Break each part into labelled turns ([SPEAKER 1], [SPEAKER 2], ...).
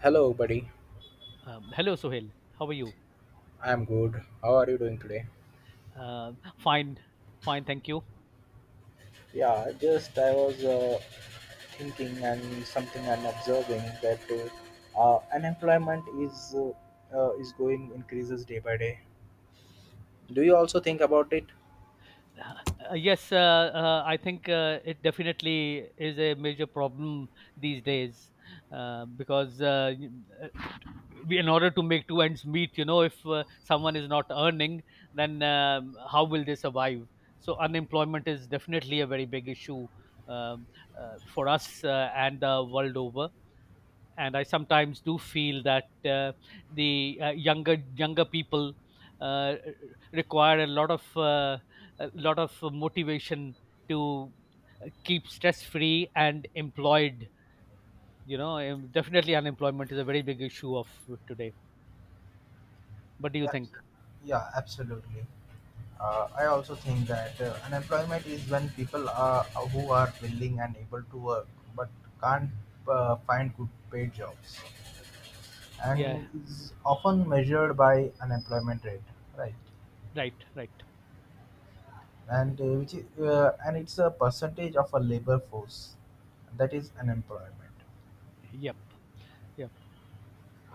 [SPEAKER 1] Hello, buddy.
[SPEAKER 2] Hello, Sohail. How are you?
[SPEAKER 1] I'm good. How are you doing today?
[SPEAKER 2] Uh, Fine, fine. Thank you.
[SPEAKER 1] Yeah, just I was thinking and something I'm observing that unemployment is is going increases day by day. Do you also think about it?
[SPEAKER 2] Yes, I think it definitely is a major problem these days because uh, we, in order to make two ends meet, if someone is not earning, then how will they survive? So unemployment is definitely a very big issue um, for us and the world over. And I sometimes do feel that the younger people uh, require a lot of motivation to keep stress free and employed. Definitely unemployment is a very big issue of today. What do you think?
[SPEAKER 1] Absolutely. Yeah, absolutely. I also think that unemployment is when people are who are willing and able to work but can't find good paid jobs.
[SPEAKER 2] Yeah,
[SPEAKER 1] And is often measured by unemployment rate, right?
[SPEAKER 2] right, right.
[SPEAKER 1] And which is, and it's a percentage of a labor force that is unemployment.
[SPEAKER 2] Yep, yep.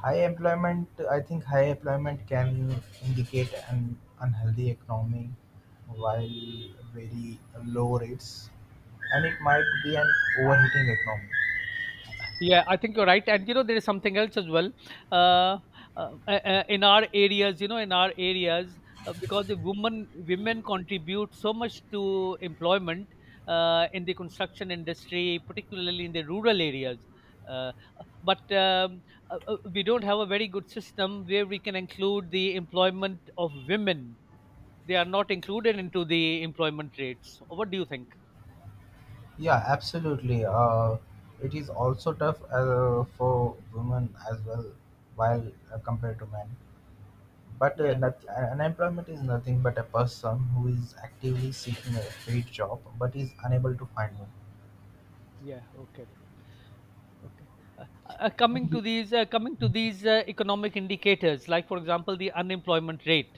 [SPEAKER 1] High employment, I think high employment can indicate an unhealthy economy, while very low rates, and it might be an overheating economy.
[SPEAKER 2] Yeah, I think you're right. And there is something else as well. Uh, uh, in our areas, in our areas, because the women contribute so much to employment in the construction industry, particularly in the rural areas. Uh, but we don't have a very good system where we can include the employment of women. They are not included into the employment rates. What do you think?
[SPEAKER 1] Yeah, absolutely. It is also tough for women as well, while compared to men. But
[SPEAKER 2] Yeah.
[SPEAKER 1] not, unemployment is nothing but a person who is actively seeking a paid job but is unable to find one.
[SPEAKER 2] Yeah. Okay. Okay. Uh, Coming to these, economic indicators, like for example, the unemployment rate.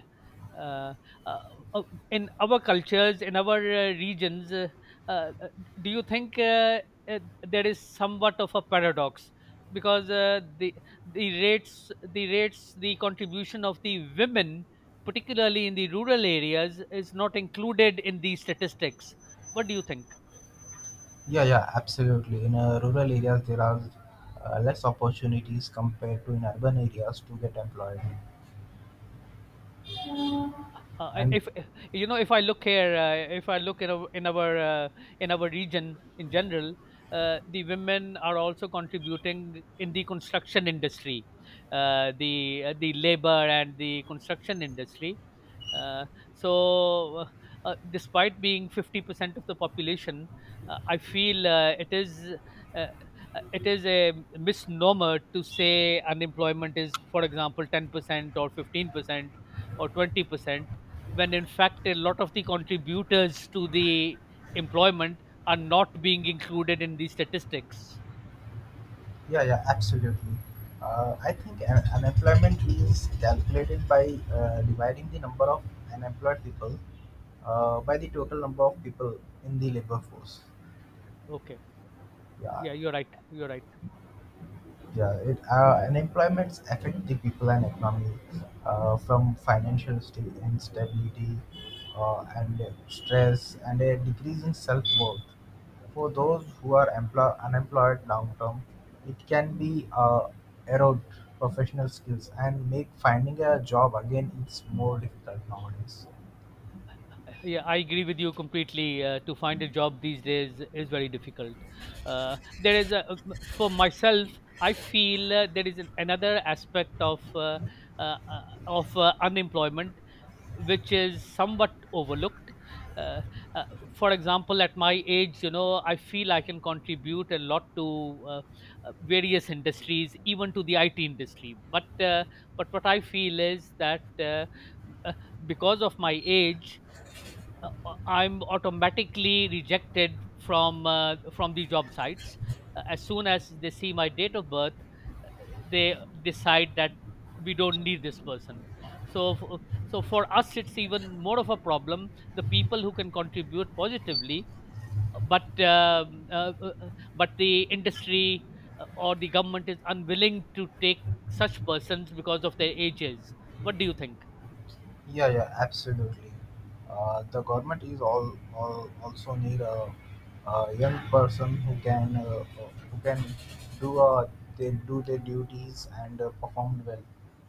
[SPEAKER 2] Uh, uh, uh, in our cultures, in our regions, uh, uh, do you think uh, there is somewhat of a paradox because the rates, the contribution of the women, particularly in the rural areas, is not included in these statistics? What do you think?
[SPEAKER 1] Yeah, yeah, absolutely. In rural areas, there are less opportunities compared to in urban areas to get employed.
[SPEAKER 2] I-
[SPEAKER 1] And
[SPEAKER 2] if you know, If I look here, if I look in our region in general, the women are also contributing in the construction industry, the labor and the construction industry. Uh, so, despite being 50% of the population, I feel it is uh, it is a misnomer to say unemployment is, for example, 10% or 15% or 20% when in fact a lot of the contributors to the employment are not being included in these statistics.
[SPEAKER 1] yeah, yeah, absolutely. I think unemployment is calculated by dividing the number of unemployed people by the total number of people in the labor force.
[SPEAKER 2] Okay.
[SPEAKER 1] Yeah.
[SPEAKER 2] Yeah, you're right. You're right.
[SPEAKER 1] Yeah, unemployment affect the people and economy from instability and stress and a decrease in self-worth. For those who are unemployed long term, it can be erode professional skills and make finding a job again it's more difficult nowadays.
[SPEAKER 2] Yeah, I agree with you completely. To find a job these days is very difficult. There is a For myself. I feel there is another aspect of unemployment which is somewhat overlooked. Uh, uh, for example, at my age, I feel I can contribute a lot to various industries, even to the IT industry. But what I feel is that uh, because of my age, I'm automatically rejected from the job sites as soon as they see my date of birth. They decide that we don't need this person, so for us it's even more of a problem. The people who can contribute positively, but um, uh, uh, uh, but the industry or the government is unwilling to take such persons because of their ages. What do you think?
[SPEAKER 1] Yeah, yeah, absolutely. The government is all also need a young person who can do they do their duties and perform well.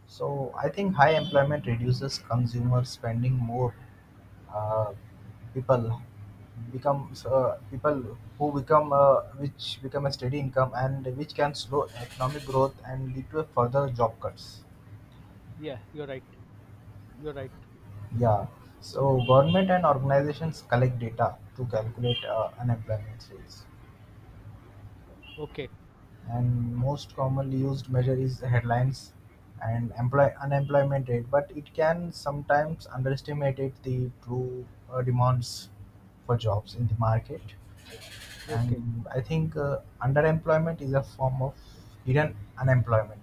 [SPEAKER 1] So I think high employment reduces consumer spending more. Uh, People becomes people who become which become a steady income and which can slow economic growth and lead to a further job cuts.
[SPEAKER 2] Yeah, you're right. You're right.
[SPEAKER 1] Yeah, so government and organizations collect data to calculate unemployment rates.
[SPEAKER 2] Okay,
[SPEAKER 1] And most commonly used measure is the headlines and employ unemployment rate, but it can sometimes underestimate it the true demands for jobs in the market.
[SPEAKER 2] okay.
[SPEAKER 1] And I think underemployment is a form of hidden unemployment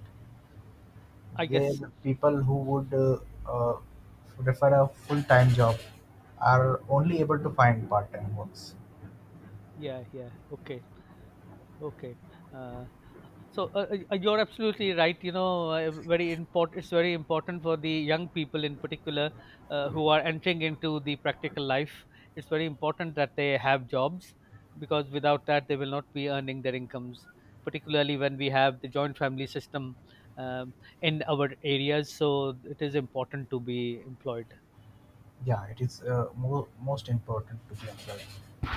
[SPEAKER 2] I
[SPEAKER 1] where
[SPEAKER 2] guess.
[SPEAKER 1] people who would uh, prefer a full-time job are only able to find part-time works.
[SPEAKER 2] Yeah, yeah. Okay, okay. uh So you're absolutely right. Very important. It's very important for the young people in particular who are entering into the practical life. It's very important that they have jobs because without that, they will not be earning their incomes. Particularly when we have the joint family system um, in our areas, so it is important to be employed.
[SPEAKER 1] Yeah, it is most important to be employed.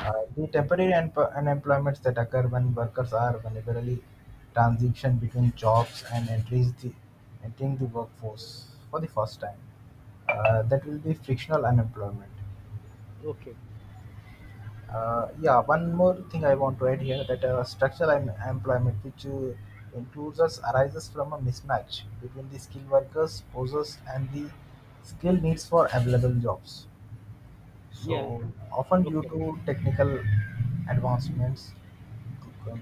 [SPEAKER 1] The temporary unemployments that occur when workers are vulnerably transition between jobs and entering the workforce for the first time. That will be frictional unemployment.
[SPEAKER 2] Okay.
[SPEAKER 1] Yeah, one more thing I want to add here that structural employment, which includes us, arises from a mismatch between the skilled workers' poses and the skill needs for available jobs.
[SPEAKER 2] Yeah.
[SPEAKER 1] So, often due
[SPEAKER 2] Okay.
[SPEAKER 1] to technical advancements,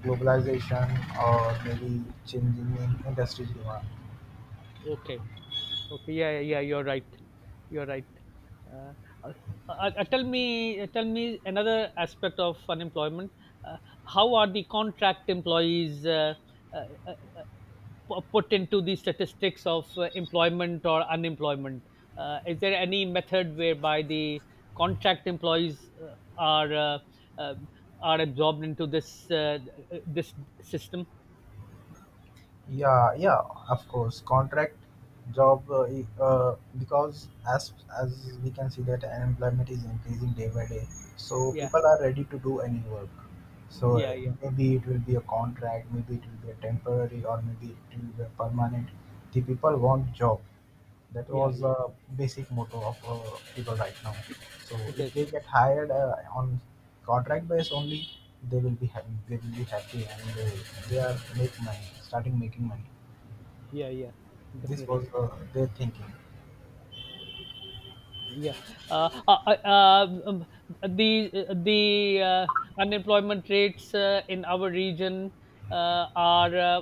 [SPEAKER 1] globalization, or maybe changing in industry demand.
[SPEAKER 2] Okay. Okay. Yeah, yeah, yeah, you're right. You're right. Uh, uh, Tell me, another aspect of unemployment. Uh, how are the contract employees uh, uh, put into the statistics of employment or unemployment? Is there any method whereby the contract employees are uh, are absorbed into this system?
[SPEAKER 1] Yeah, yeah, of course. Contract job, because as as we can see that unemployment is increasing day by day, so
[SPEAKER 2] Yeah,
[SPEAKER 1] people are ready to do any work. So
[SPEAKER 2] yeah, yeah,
[SPEAKER 1] maybe it will be a contract, maybe it will be a temporary, or maybe it will be a permanent. The people want job. That
[SPEAKER 2] yeah,
[SPEAKER 1] was
[SPEAKER 2] yeah.
[SPEAKER 1] a basic motto of people right now. So
[SPEAKER 2] It
[SPEAKER 1] if
[SPEAKER 2] is.
[SPEAKER 1] they get hired on contract base only, they will be happy. They will be happy, and they are make money, starting making money.
[SPEAKER 2] Yeah, yeah,
[SPEAKER 1] This was
[SPEAKER 2] definitely.
[SPEAKER 1] their thinking.
[SPEAKER 2] Yeah. Uh, uh, uh, um, um, the the unemployment rates in our region are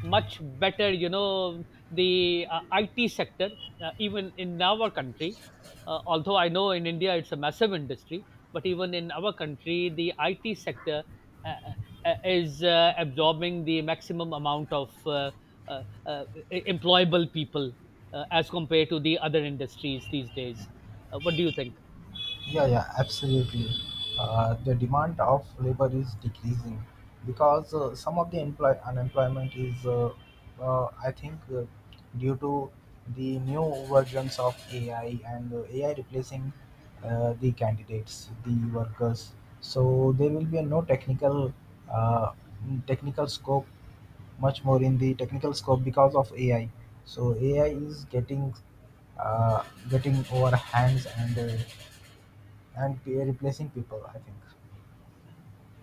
[SPEAKER 2] much better. The IT sector, even in our country, although I know in India it's a massive industry, but even in our country, the IT sector uh, is absorbing the maximum amount of uh, uh, employable people as compared to the other industries these days. What do you think?
[SPEAKER 1] Yeah, yeah, absolutely. The demand of labor is decreasing because some of the unemployment is, I think, due to the new versions of AI and AI replacing the candidates, the workers. So there will be a no uh, technical scope, much more in the technical scope because of AI. So AI is uh, getting over hands and replacing people, I think.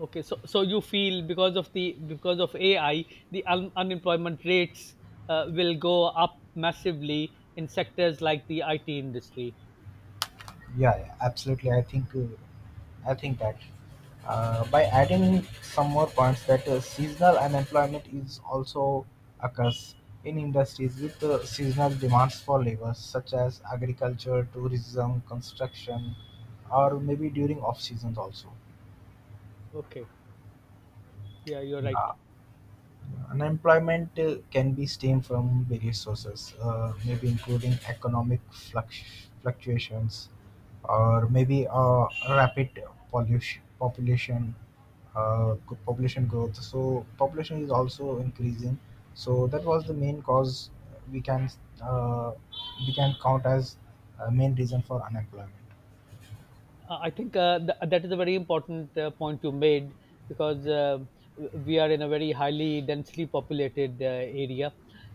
[SPEAKER 2] Okay, so you feel because of AI, the unemployment rates will go up massively in sectors like the IT industry.
[SPEAKER 1] Yeah, yeah, absolutely. I think that by adding some more points that seasonal unemployment is also occurs in industries with seasonal demands for labor such as agriculture, tourism, construction, or maybe during off seasons also.
[SPEAKER 2] Okay, yeah, you're right.
[SPEAKER 1] Yeah. Unemployment can be stemmed from various sources, maybe including economic fluctuations, or maybe rapid pollution, population, population growth. So population is also increasing. So that was the main cause we can uh, we can count as a main reason for unemployment.
[SPEAKER 2] I think that is a very important point you made because we are in a very highly densely populated area,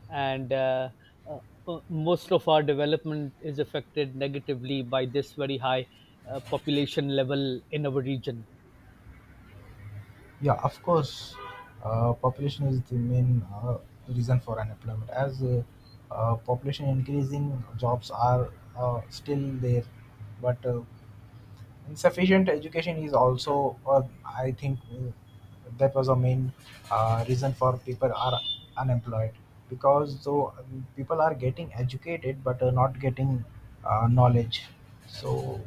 [SPEAKER 2] and uh, most of our development is affected negatively by this very high population level in our region.
[SPEAKER 1] Yeah, of course. Population is the main reason for unemployment. As population increasing, jobs are still there, but insufficient education is also, I think, that was a main reason for people are unemployed because though people are getting educated but are not getting knowledge. So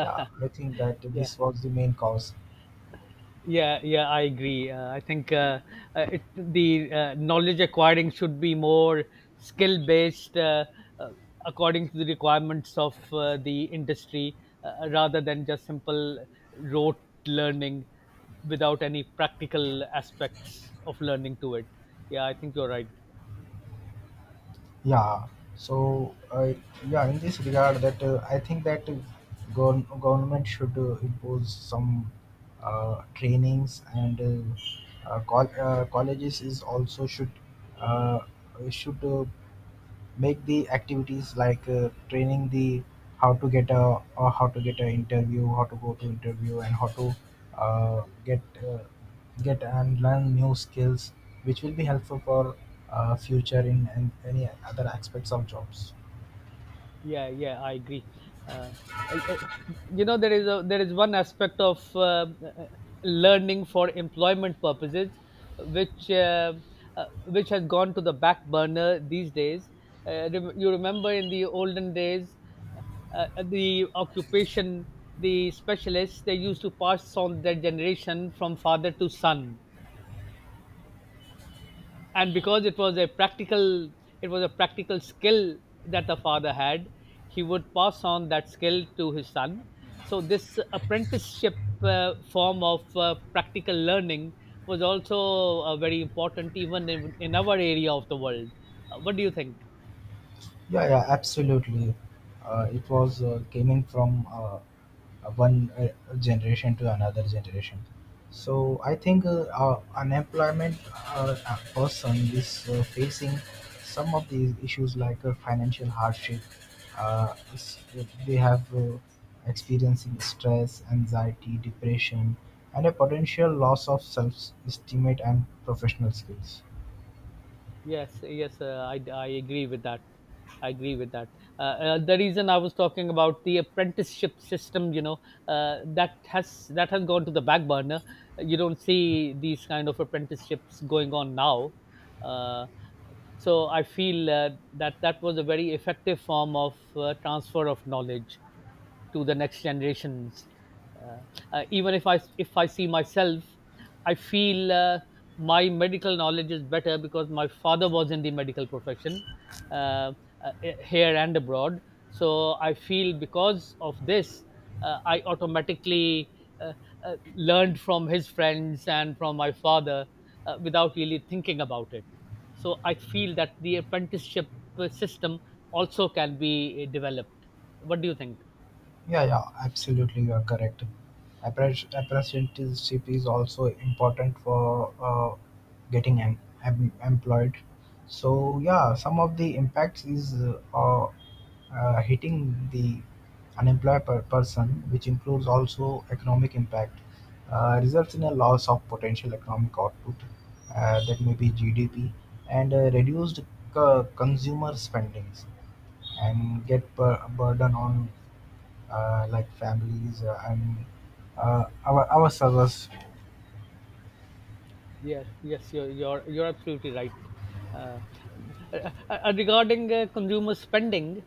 [SPEAKER 1] yeah, I think that
[SPEAKER 2] Yeah.
[SPEAKER 1] this was the main cause.
[SPEAKER 2] Yeah, yeah, I agree. I think the knowledge acquiring should be more skill based uh, according to the requirements of the industry rather than just simple rote learning without any practical aspects of learning to it. Yeah, I think you're right.
[SPEAKER 1] Yeah. So, yeah, in this regard, that I think that government should impose some trainings and colleges is also should uh, should uh, make the activities like training the how to get an interview, how to go to interview, and how to uh, get uh, get and learn new skills which will be helpful for future in any other aspects of jobs.
[SPEAKER 2] Yeah, yeah, I agree. uh, there is one aspect of learning for employment purposes which uh, which has gone to the back burner these days. You remember in the olden days uh, the occupation, the specialists, they used to pass on their generation from father to son. And because it was a practical skill that the father had, he would pass on that skill to his son. So this apprenticeship form of practical learning was also very important, even in our area of the world. What do you think?
[SPEAKER 1] Yeah, yeah, absolutely. It was coming from one generation to another generation. So I think unemployment a person is facing some of these issues like financial hardship. Uh, s- they have experiencing stress, anxiety, depression, and a potential loss of self-estimate and professional skills.
[SPEAKER 2] Yes, yes, I agree with that. I agree with that. The reason I was talking about the apprenticeship system, that has gone to the back burner. You don't see these kind of apprenticeships going on now. Uh, so I feel that that was a very effective form of transfer of knowledge to the next generations. uh, Even if I see myself, I feel my medical knowledge is better because my father was in the medical profession here and abroad. So I feel because of this I automatically uh, uh, learned from his friends and from my father without really thinking about it. So I feel that the apprenticeship system also can be developed. What do you think?
[SPEAKER 1] Yeah, yeah, absolutely, you are correct. Apprenticeship is also important for getting employed. So yeah, some of the impacts is hitting the unemployed person, which includes also economic impact, results in a loss of potential economic output that may be GDP, and reduced consumer spendings, and get burden on like families and ourselves.
[SPEAKER 2] Yes, yes, you're absolutely right. Uh, Regarding consumer spending,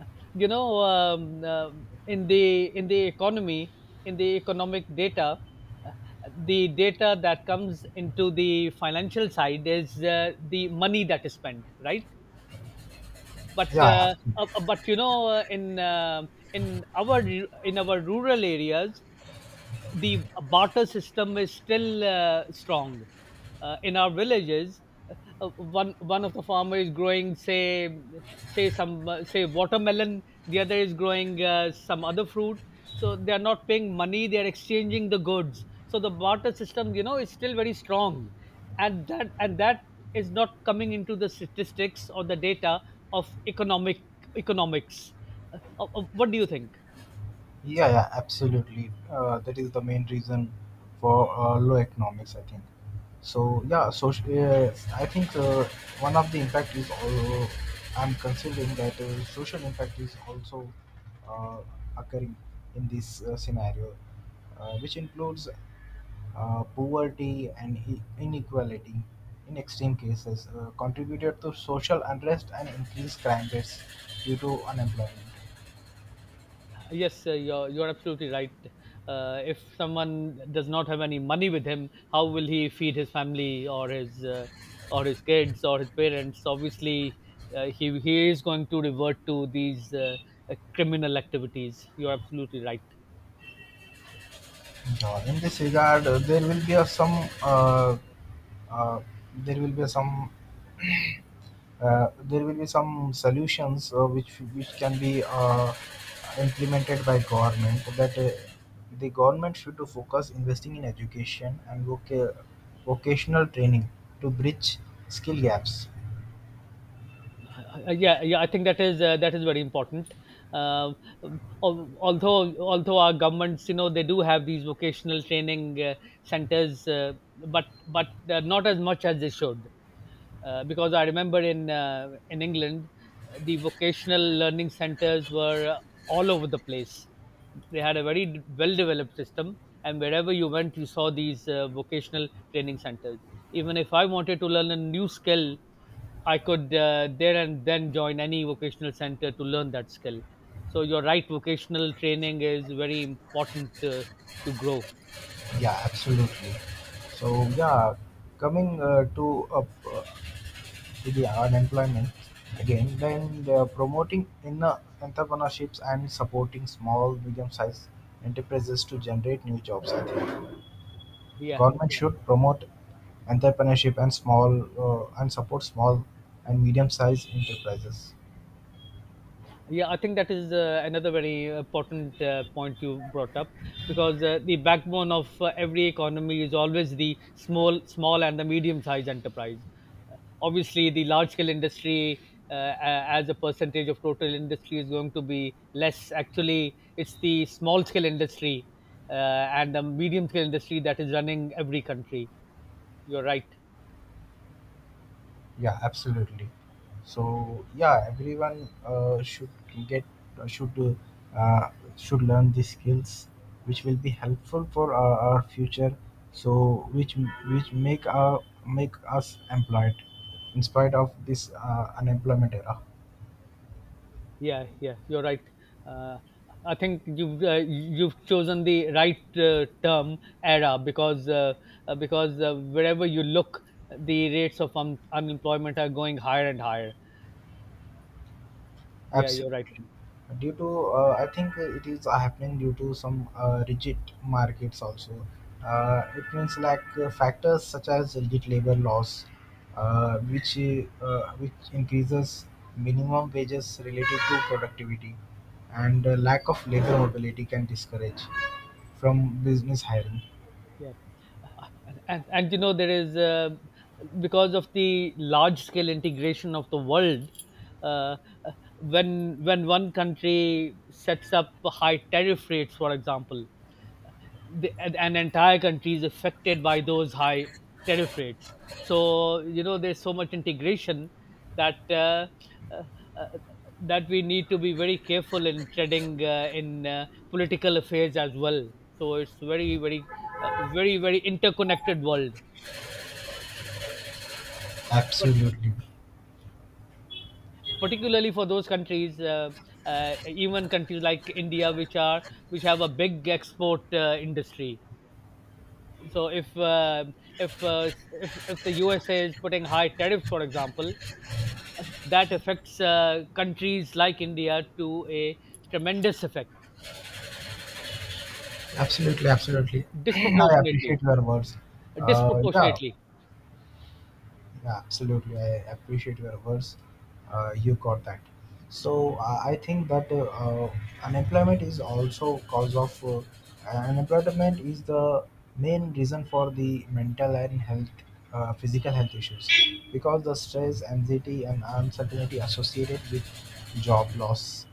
[SPEAKER 2] uh, you know, um, uh, in the economy, in the economic data, uh, the data that comes into the financial side is the money that is spent, right? but
[SPEAKER 1] Yeah,
[SPEAKER 2] uh, uh, but you know uh, in our rural areas the barter system is still strong in our villages. One of the farmer is growing, say, say some say watermelon. The other is growing some other fruit. So they are not paying money; they are exchanging the goods. So the barter system, is still very strong, and that is not coming into the statistics or the data of economics. What do you think?
[SPEAKER 1] yeah, yeah, absolutely. That is the main reason for low economics, I think. So yeah, so I think one of the impact is also I'm considering that social impact is also uh, occurring in this scenario, which includes poverty and inequality. In extreme cases, contributed to social unrest and increased crime rates due to unemployment.
[SPEAKER 2] Yes, you're absolutely right. If someone does not have any money with him, how will he feed his family or his kids or his parents? Obviously, he is going to revert to these criminal activities. You're absolutely right.
[SPEAKER 1] In this regard, uh, uh, there will be some there will be some solutions which can be uh, implemented by government that the government should to focus investing in education and vocational training to bridge skill gaps.
[SPEAKER 2] Yeah, yeah, I think that is very important. Um, although our governments, they do have these vocational training centers, but not as much as they should. Because I remember in England, the vocational learning centers were all over the place. They had a very well developed system, and wherever you went, you saw these vocational training centers. Even if I wanted to learn a new skill, I could there and then join any vocational center to learn that skill. So you're right, vocational training is very important to grow.
[SPEAKER 1] Yeah, absolutely. So yeah, coming up uh, to the unemployment again, then the promoting inner entrepreneurships and supporting small, medium-sized enterprises to generate new jobs. I think
[SPEAKER 2] Yeah.
[SPEAKER 1] government should promote entrepreneurship and small and support small and medium-sized enterprises.
[SPEAKER 2] Yeah, I think that is another very important point you brought up because the backbone of every economy is always the small and the medium-sized enterprise. Obviously, the large-scale industry, as a percentage of total industry, is going to be less. Actually, it's the small-scale industry uh, and the medium-scale industry that is running every country. You're right.
[SPEAKER 1] Yeah, absolutely. So yeah, everyone should get uh, should uh, should learn these skills which will be helpful for our future, so which make us employed in spite of this unemployment era.
[SPEAKER 2] Yeah, yeah, you're right. Uh, I think you've chosen the right term era because wherever you look, the rates of unemployment are going higher and higher. Yeah, you're
[SPEAKER 1] Absolutely.
[SPEAKER 2] right.
[SPEAKER 1] Due to, I think it is happening due to some rigid markets also. It means like factors such as rigid labor laws, uh, which which increases minimum wages related to productivity, and lack of labor mobility can discourage from business hiring.
[SPEAKER 2] Yeah, and you know there is because of the large scale integration of the world. Uh, uh, when one country sets up high tariff rates, for example, an entire country is affected by those high tariff rates. So you know there's so much integration that uh, uh, uh, that we need to be very careful in treading in political affairs as well. So it's very very interconnected world. But
[SPEAKER 1] Absolutely,
[SPEAKER 2] particularly for those countries, even countries like India, which have a big export industry, so if, uh, if the USA is putting high tariffs, for example, that affects countries like India to a tremendous effect,
[SPEAKER 1] absolutely, absolutely. I
[SPEAKER 2] disproportionately,
[SPEAKER 1] appreciate your words. Uh, yeah,
[SPEAKER 2] disproportionately.
[SPEAKER 1] Yeah, absolutely. I appreciate your words. You got that. So I think that unemployment is also cause of unemployment is the main reason for the mental and health, physical health issues, because the stress, anxiety, and uncertainty associated with job loss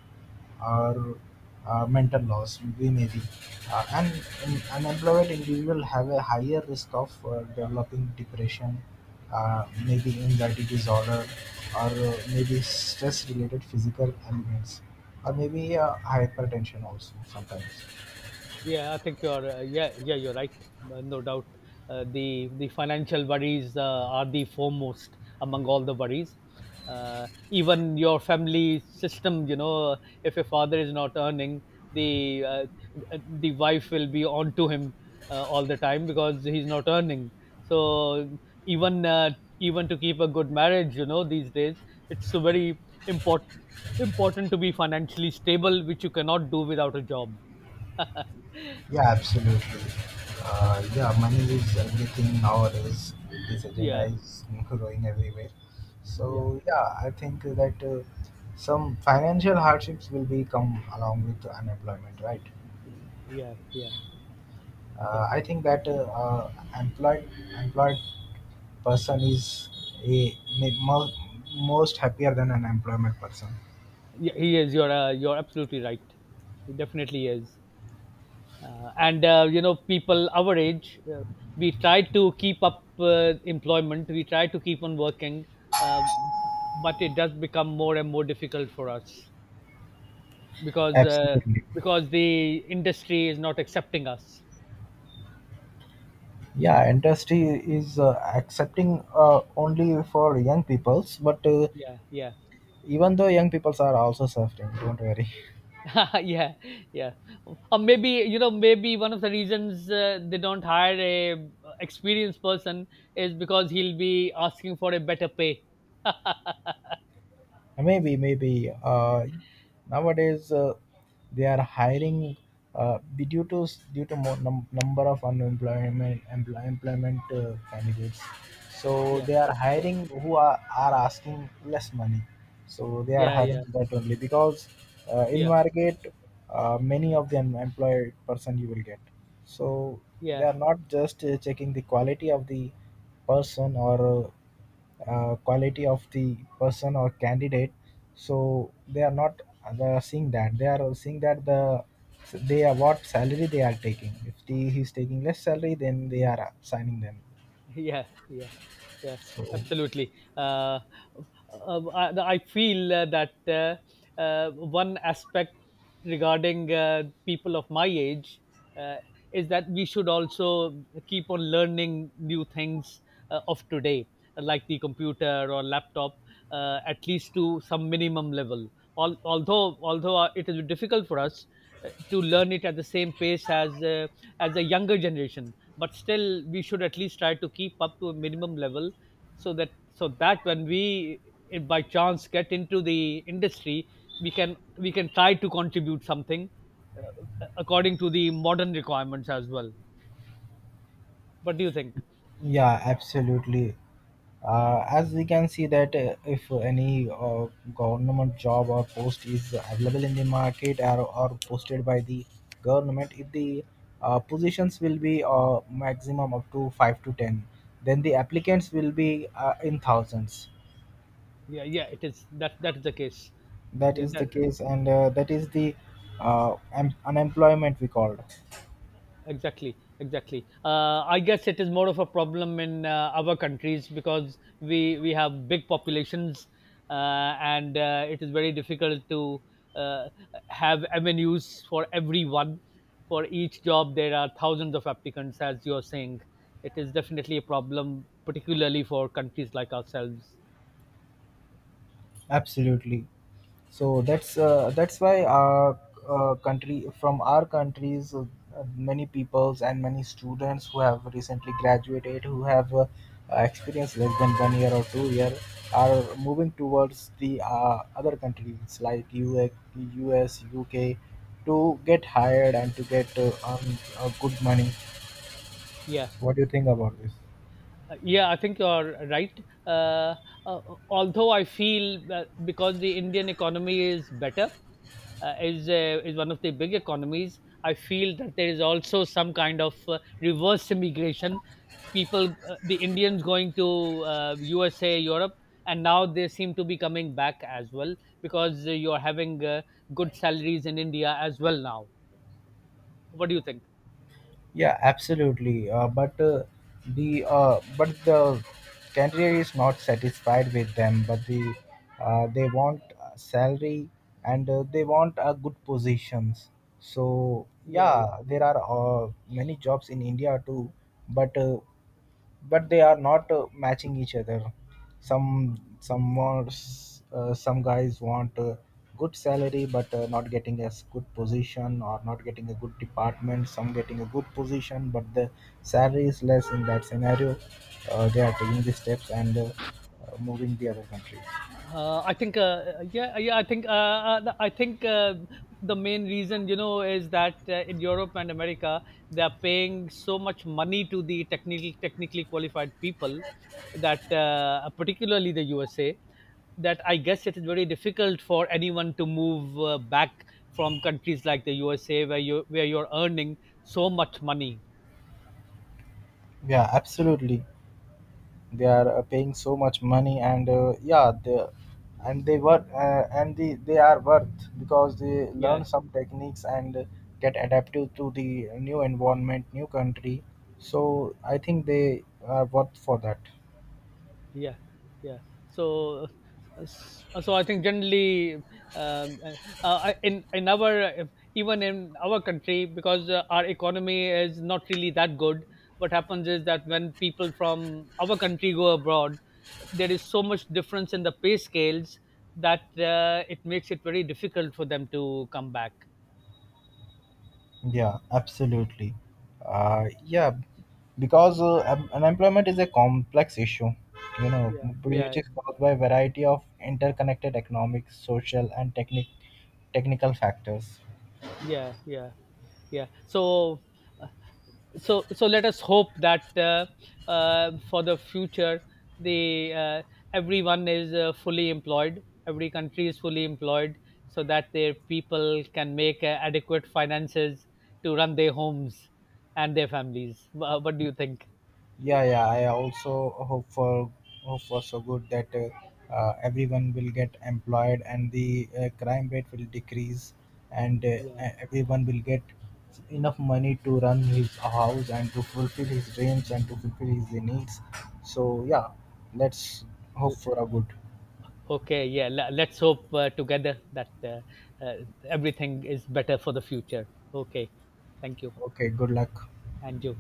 [SPEAKER 1] or mental loss we may be and an unemployed individual have a higher risk of developing depression, maybe anxiety disorder, or maybe stress related physical ailments, or maybe hypertension also sometimes.
[SPEAKER 2] Yeah, I think you're yeah, you're right, no doubt. The financial worries are the foremost among all the worries. Even your family system, you know, if your father is not earning, the uh, the wife will be on to him all the time because he's not earning. So even uh, even to keep a good marriage, you know, these days it's so very important important to be financially stable, which you cannot do without a job.
[SPEAKER 1] Yeah, absolutely. Yeah, money is everything nowadays. This agenda
[SPEAKER 2] Yeah.
[SPEAKER 1] is growing everywhere.
[SPEAKER 2] Yeah,
[SPEAKER 1] So yeah, I think that some financial hardships will be come along with unemployment, right?
[SPEAKER 2] yeah, yeah, yeah.
[SPEAKER 1] I think that employed employed person is a, most most happier than an employment person.
[SPEAKER 2] Yeah, he is. You're absolutely right. He definitely is. And you know, people our age, we try to keep up employment. We try to keep on working, uh, but it does become more and more difficult for us because uh,
[SPEAKER 1] Absolutely.
[SPEAKER 2] because the industry is not accepting us.
[SPEAKER 1] Yeah, industry is accepting only for young peoples, but
[SPEAKER 2] Yeah, yeah.
[SPEAKER 1] even though young people are also suffering, don't worry.
[SPEAKER 2] yeah, yeah. Or maybe you know, maybe one of the reasons they don't hire a experienced person is because he'll be asking for a better pay.
[SPEAKER 1] Maybe nowadays they are hiring due to more number of unemployment employment candidates, so
[SPEAKER 2] Yeah,
[SPEAKER 1] they are
[SPEAKER 2] yeah,
[SPEAKER 1] hiring who are asking less money, so they are
[SPEAKER 2] yeah,
[SPEAKER 1] hiring
[SPEAKER 2] yeah,
[SPEAKER 1] that only because in
[SPEAKER 2] yeah,
[SPEAKER 1] market many of the unemployed person you will get, so they
[SPEAKER 2] yeah.
[SPEAKER 1] are not just checking the quality of the person or quality of the person or candidate, so they are not seeing that, they are seeing that they are what salary they are taking, if the he's taking less salary, then they are assigning them.
[SPEAKER 2] Yeah, yeah, yeah,
[SPEAKER 1] So
[SPEAKER 2] absolutely. I feel that one aspect regarding people of my age uh, is that we should also keep on learning new things of today, like the computer or laptop, at least to some minimum level. Although it is difficult for us to learn it at the same pace as a younger generation, but still we should at least try to keep up to a minimum level so that when we by chance get into the industry, we can try to contribute something according to the modern requirements as well. What do you think?
[SPEAKER 1] yeah absolutely. As we can see that if any government job or post is available in the market, or posted by the government, if the positions will be maximum up to 5 to 10, then the applicants will be in thousands.
[SPEAKER 2] Yeah, yeah, it is, that is the case.
[SPEAKER 1] That
[SPEAKER 2] Yeah,
[SPEAKER 1] is the
[SPEAKER 2] that.
[SPEAKER 1] case, and that is the unemployment we called.
[SPEAKER 2] Exactly, exactly. I guess it is more of a problem in our countries because we have big populations, and it is very difficult to uh, have avenues for everyone. For each job, there are thousands of applicants, as you are saying. It is definitely a problem, particularly for countries like ourselves.
[SPEAKER 1] Absolutely. So that's why our country from our countries, many peoples and many students who have recently graduated, who have experienced less than 1 year or 2 year, are moving towards the other countries like US, to get hired and to get good money.
[SPEAKER 2] Yeah.
[SPEAKER 1] What do you think about this?
[SPEAKER 2] Yeah, I think you're right. Uh, uh, although I feel that because the Indian economy is better, is one of the big economies. I feel that there is also some kind of reverse immigration. The Indians going to USA, Europe, and now they seem to be coming back as well because you're having good salaries in India as well now. What do you think?
[SPEAKER 1] Yeah, absolutely. But the candidate is not satisfied with them. But the They want salary, and they want good positions. So
[SPEAKER 2] Yeah, yeah.
[SPEAKER 1] yeah, there are many jobs in India too. But but they are not matching each other. Some some guys want good salary but not getting a good position, or not getting a good department. Some getting a good position but the salary is less. In that scenario, they are taking the steps and moving the other country.
[SPEAKER 2] I think, yeah, yeah. I think, I think the main reason, you know, is that in Europe and America, they are paying so much money to the technically qualified people that, particularly the USA, that I guess it is very difficult for anyone to move back from countries like the USA where you're earning so much money.
[SPEAKER 1] Yeah, absolutely. They are paying so much money, and yeah, they work, they are worth because they
[SPEAKER 2] Yeah,
[SPEAKER 1] learn some techniques and get adaptive to the new environment, new country. So I think they are worth for that.
[SPEAKER 2] yeah, yeah, so so I think generally, um, uh, in our even in our country, because our economy is not really that good, what happens is that when people from our country go abroad, there is so much difference in the pay scales that it makes it very difficult for them to come back.
[SPEAKER 1] Yeah, absolutely. Yeah, because unemployment is a complex issue you know
[SPEAKER 2] Yeah, yeah,
[SPEAKER 1] which is caused by a variety of interconnected economic, social, and technical factors.
[SPEAKER 2] yeah, yeah, yeah. So let us hope that for the future, the everyone is fully employed, every country is fully employed, so that their people can make adequate finances to run their homes and their families. What do you think?
[SPEAKER 1] Yeah, yeah. I also hope for so good that everyone will get employed, and the crime rate will decrease, and everyone will get enough money to run his house and to fulfill his dreams and to fulfill his needs. So yeah, let's hope
[SPEAKER 2] L-
[SPEAKER 1] for a good.
[SPEAKER 2] okay, yeah, let's hope together that uh, everything is better for the future. Okay, thank you.
[SPEAKER 1] Okay, good luck.
[SPEAKER 2] And you.